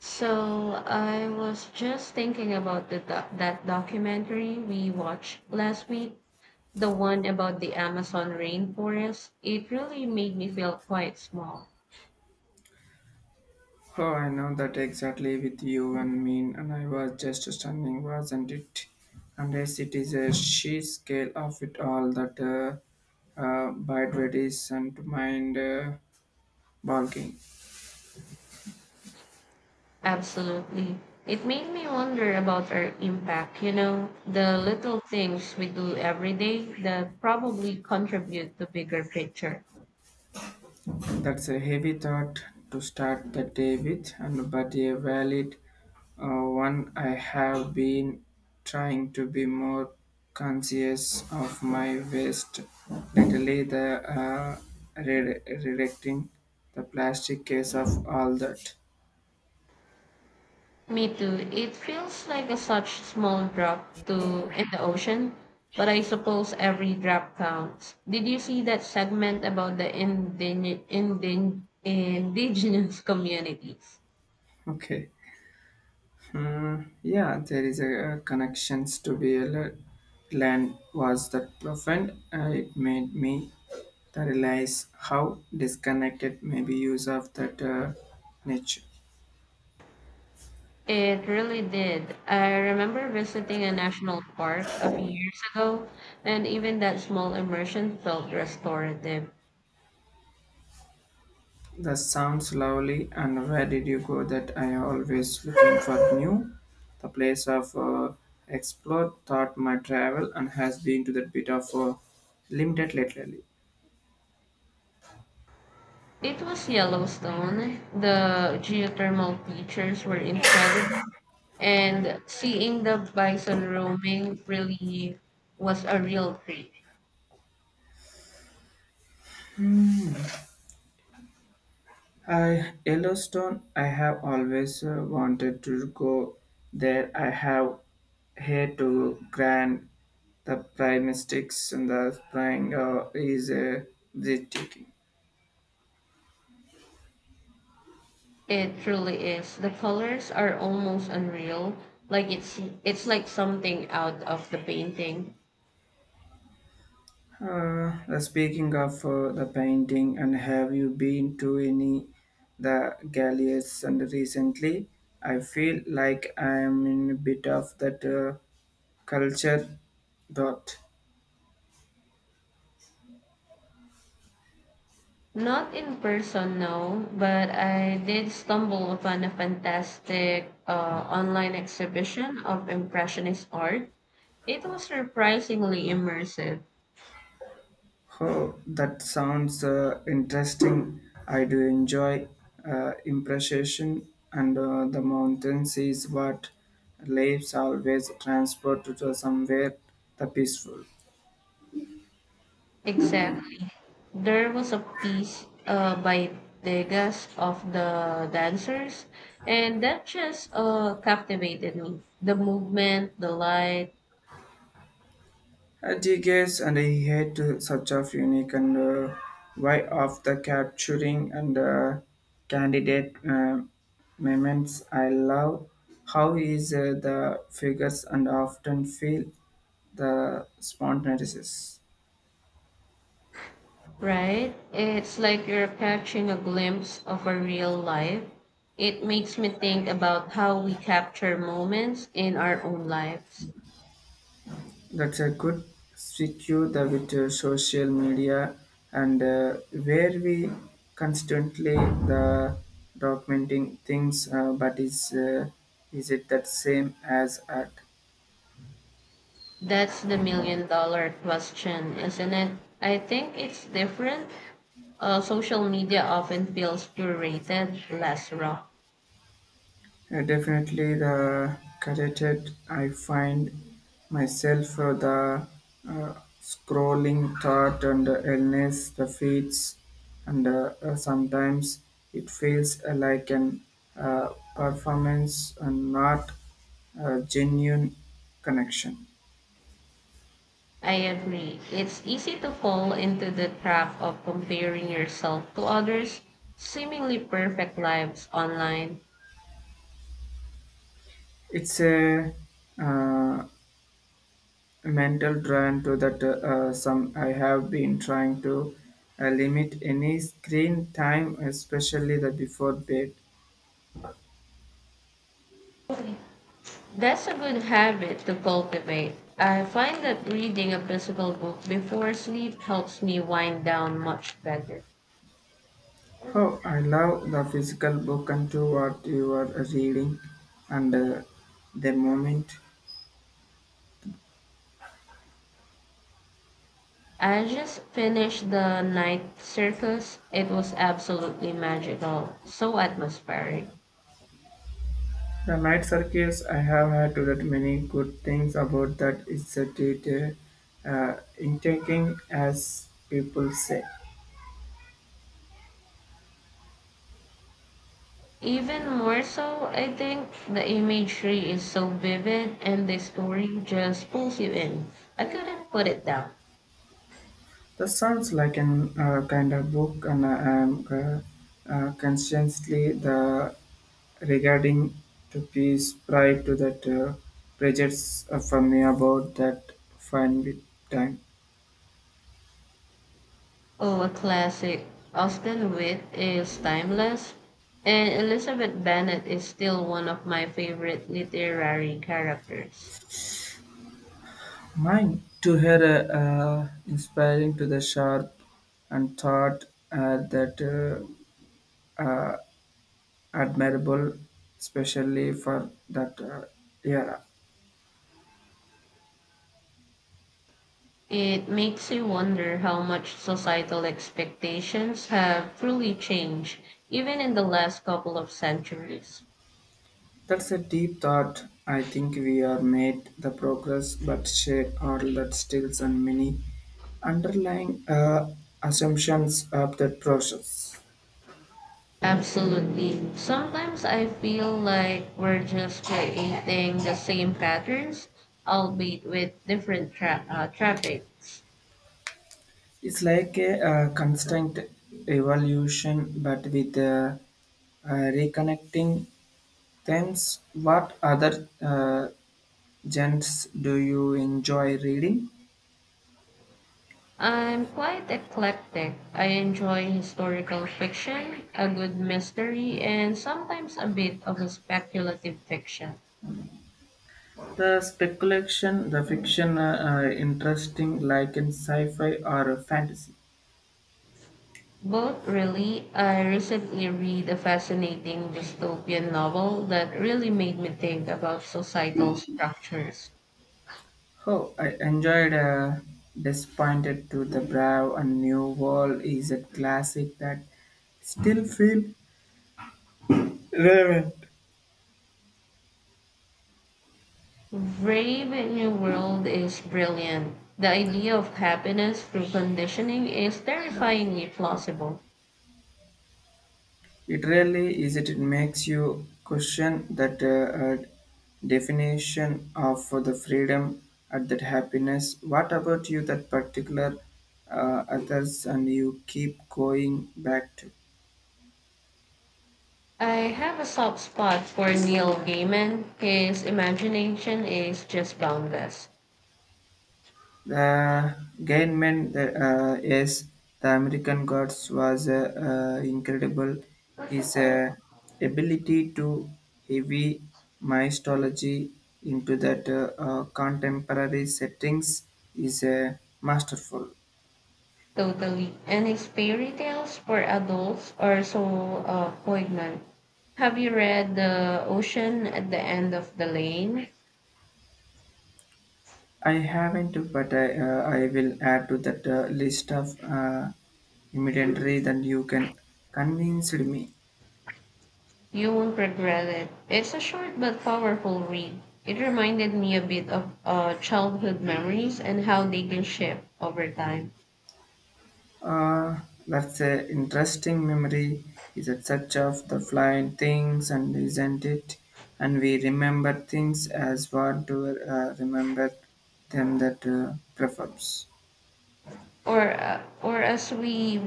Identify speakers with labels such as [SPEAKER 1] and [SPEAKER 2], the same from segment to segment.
[SPEAKER 1] So I was just thinking about the that documentary we watched last week, the one about the Amazon rainforest. It really made me feel quite small.
[SPEAKER 2] Oh, I know that exactly with you and me, and I was just stunning, wasn't it? And yes, it is a sheer scale of it all that bite is and mind bulking.
[SPEAKER 1] Absolutely. It made me wonder about our impact, you know, the little things we do every day that probably contribute to bigger picture.
[SPEAKER 2] That's a heavy thought to start the day with, and but a valid one. I have been trying to be more conscious of my waste, lately. The uh, redirecting the plastic case of all that.
[SPEAKER 1] Me too. It feels like a such small drop to in the ocean, but I suppose every drop counts. Did you see that segment about the indigenous communities?
[SPEAKER 2] Okay. Mm, yeah, there is a connections to be a land was that profound. It made me to realize how disconnected maybe use of that niche.
[SPEAKER 1] It really did. I remember visiting a national park a few years ago, and even that small immersion felt restorative.
[SPEAKER 2] The sounds lovely, and where did you go? That I always looking for new. The place of explore, thought my travel, and has been to that bit of limited lately.
[SPEAKER 1] It was Yellowstone. The geothermal features were incredible, and seeing the bison roaming really was a real treat.
[SPEAKER 2] I Yellowstone. I have always wanted to go there. I have heard to grant the prime and the flying is breathtaking.
[SPEAKER 1] It truly is. The colors are almost unreal, like it's like something out of the painting.
[SPEAKER 2] The speaking of the painting, and have you been to any the galleries and recently? I feel like I am in a bit of that culture dot.
[SPEAKER 1] Not in person, no, but I did stumble upon a fantastic online exhibition of impressionist art. It was surprisingly immersive.
[SPEAKER 2] Oh, that sounds interesting. I do enjoy impression, and the mountains is what lives always transport to somewhere the peaceful.
[SPEAKER 1] Exactly. There was a piece by Degas of the dancers, and that just captivated me. The movement, the light,
[SPEAKER 2] I guess, and I hate such of unique and why of the capturing and candidate moments. I love how is the figures and often feel the spontaneous.
[SPEAKER 1] right? It's like you're catching a glimpse of a real life. It makes me think about how we capture moments in our own lives.
[SPEAKER 2] That's a good secure the with social media and where we constantly the documenting things, but is it that same as art?
[SPEAKER 1] That's the million dollar question, isn't it? I think it's different. Social media often feels curated, less raw.
[SPEAKER 2] Definitely the cateted. I find myself the uh, scrolling thought and the illness, the feeds, and sometimes it feels like an performance and not a genuine connection.
[SPEAKER 1] I agree. It's easy to fall into the trap of comparing yourself to others' seemingly perfect lives online.
[SPEAKER 2] It's a uh, mental drain to that. Some I have been trying to limit any screen time, especially the before bed.
[SPEAKER 1] That's a good habit to cultivate. I find that reading a physical book before sleep helps me wind down much better.
[SPEAKER 2] Oh, I love the physical book and to what you are reading and the moment.
[SPEAKER 1] I just finished the night circus. It was absolutely magical, so atmospheric.
[SPEAKER 2] The night circus, I have heard to that many good things about that. It's a detail, intriguing, as people say.
[SPEAKER 1] Even more so, I think the imagery is so vivid and the story just pulls you in. I couldn't put it down.
[SPEAKER 2] That sounds like an kind of book, and I am consciously the regarding to peace prior to that prejudice for me about that fine with time.
[SPEAKER 1] Oh, a classic. Austin Witt is timeless, and Elizabeth Bennet is still one of my favorite literary characters.
[SPEAKER 2] Mine to her inspiring to the sharp and thought that uh, admirable, especially for that era.
[SPEAKER 1] It makes you wonder how much societal expectations have truly changed, even in the last couple of centuries.
[SPEAKER 2] That's a deep thought. I think we are made the progress, but shape all that stills and many underlying assumptions of that process.
[SPEAKER 1] Absolutely. Sometimes I feel like we're just creating the same patterns, albeit with different traffics.
[SPEAKER 2] It's like a constant evolution, but with reconnecting. Thanks. What other genres do you enjoy reading?
[SPEAKER 1] I'm quite eclectic. I enjoy historical fiction, a good mystery, and sometimes a bit of a speculative fiction.
[SPEAKER 2] The speculation, the fiction, interesting, like in sci-fi or fantasy.
[SPEAKER 1] Both really, I recently read a fascinating dystopian novel that really made me think about societal structures.
[SPEAKER 2] Oh, I enjoyed Disappointed to the Brave and New World is a classic that still feel relevant.
[SPEAKER 1] Brave in New World is brilliant. The idea of happiness through conditioning is terrifyingly plausible.
[SPEAKER 2] It really is. It makes you question that uh, definition of the freedom and that happiness. What about you? That particular others and you keep going back to.
[SPEAKER 1] I have a soft spot for Neil Gaiman. His imagination is just boundless,
[SPEAKER 2] The Gaiman is the American Gods was incredible. His ability to heavy mythology into that contemporary settings is masterful.
[SPEAKER 1] totally. And his fairy tales for adults are so poignant. Have you read The Ocean at the End of the Lane?
[SPEAKER 2] I haven't, but I will add to that list of imaginary that you can convince me.
[SPEAKER 1] You won't regret it. It's a short but powerful read. It reminded me a bit of childhood memories and how they can shift over time,
[SPEAKER 2] Uh, that's an interesting memory. Is it such of the flying things and isn't it? And we remember things as what do remember them that prefers.
[SPEAKER 1] or uh, or as we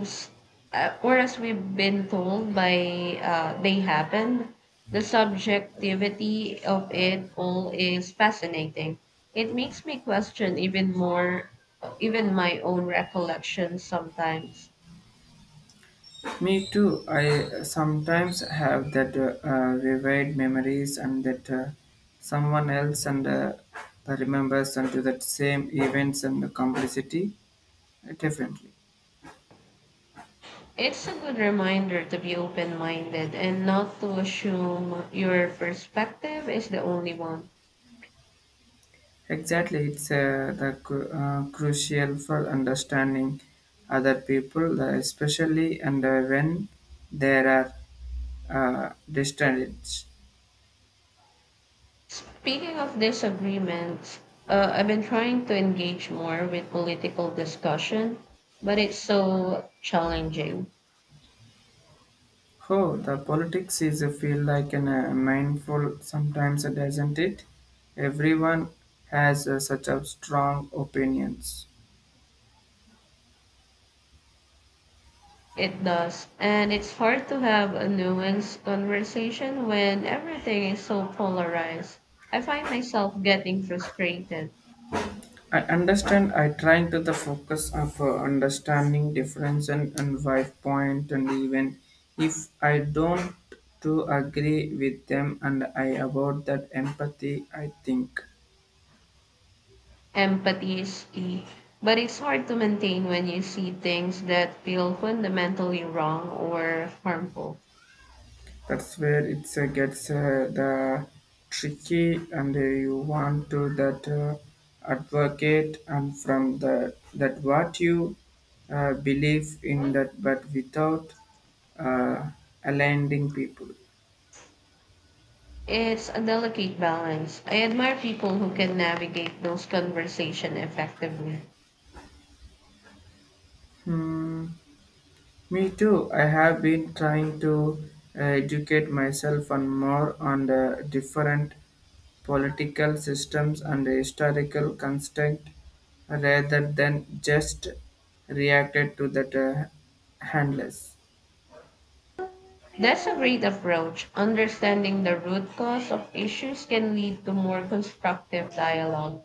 [SPEAKER 1] or as we've been told by they happened. The subjectivity of it all is fascinating. It makes me question even more, even my own recollections sometimes.
[SPEAKER 2] Me too. I sometimes have that vivid memories and that someone else and remembers and do that same events and the complexity differently.
[SPEAKER 1] It's a good reminder to be open minded and not to assume your perspective is the only one.
[SPEAKER 2] Exactly, it's the crucial for understanding other people, especially and when there are distractions.
[SPEAKER 1] Speaking of disagreements, I've been trying to engage more with political discussion, but it's so challenging.
[SPEAKER 2] Oh, the politics is a feel like an mindful sometimes, doesn't it? Everyone has such a strong opinions.
[SPEAKER 1] It does. And it's hard to have a nuanced conversation when everything is so polarized. I find myself getting frustrated.
[SPEAKER 2] I understand. I trying to the focus of understanding difference and viewpoint, and even if I don't to agree with them, and I about that empathy. I think
[SPEAKER 1] Empathy is key, but it's hard to maintain when you see things that feel fundamentally wrong or harmful.
[SPEAKER 2] that's where it gets the tricky, and you want to that advocate and from the that what you believe in that, but without uh, aligning people.
[SPEAKER 1] It's a delicate balance. I admire people who can navigate those conversations effectively.
[SPEAKER 2] Hmm. Me too. I have been trying to educate myself on more on the different political systems and the historical construct rather than just reacted to that handless.
[SPEAKER 1] That's a great approach. Understanding the root cause of issues can lead to more constructive dialogue.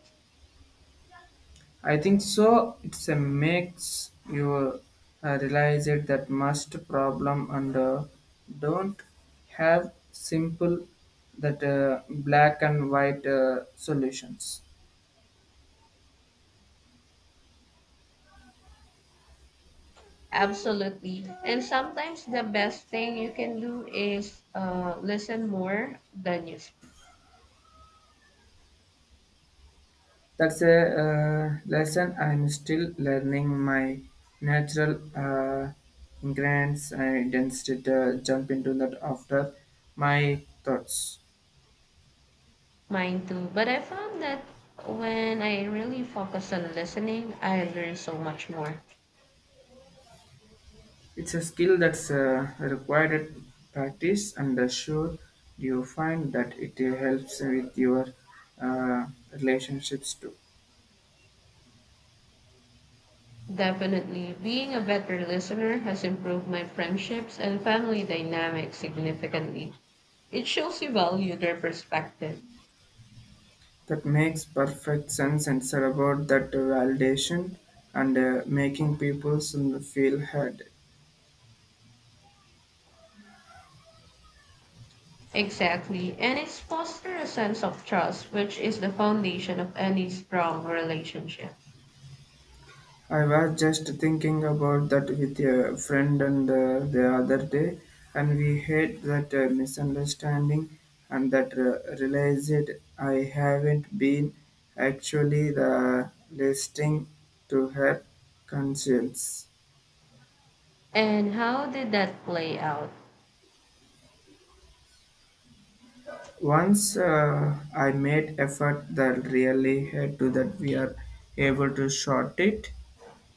[SPEAKER 2] I think so. It's a makes you realize it that must problem and don't have simple that black and white solutions.
[SPEAKER 1] Absolutely. And sometimes the best thing you can do is listen more than you speak.
[SPEAKER 2] That's a lesson I'm still learning my natural ingredients. I instead jump into that after my thoughts.
[SPEAKER 1] Mine too. But I found that when I really focus on listening, I learn so much more.
[SPEAKER 2] It's a skill that's required practice, and sure you find that it helps with your uh, relationships too.
[SPEAKER 1] Definitely, being a better listener has improved my friendships and family dynamics significantly. It shows you value their perspective.
[SPEAKER 2] That makes perfect sense, and it's about that validation and making people feel heard.
[SPEAKER 1] Exactly. And it's foster a sense of trust, which is the foundation of any strong relationship.
[SPEAKER 2] I was just thinking about that with a friend and the other day, and we had that misunderstanding and that realized I haven't been actually the listening to her conscience.
[SPEAKER 1] And how did that play out?
[SPEAKER 2] Once I made effort that really had to that we are able to short it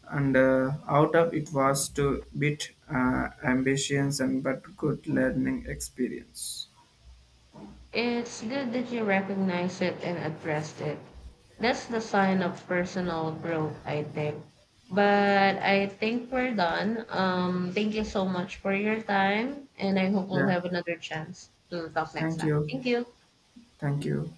[SPEAKER 2] and out of it was to bit ambitions and but good learning experience.
[SPEAKER 1] It's good that you recognize it and addressed it. That's the sign of personal growth, I think. But I think we're done. Thank you so much for your time, and I hope we'll
[SPEAKER 2] Yeah,
[SPEAKER 1] have another chance to talk next
[SPEAKER 2] thank
[SPEAKER 1] time.
[SPEAKER 2] you.
[SPEAKER 1] Thank you.
[SPEAKER 2] Thank you.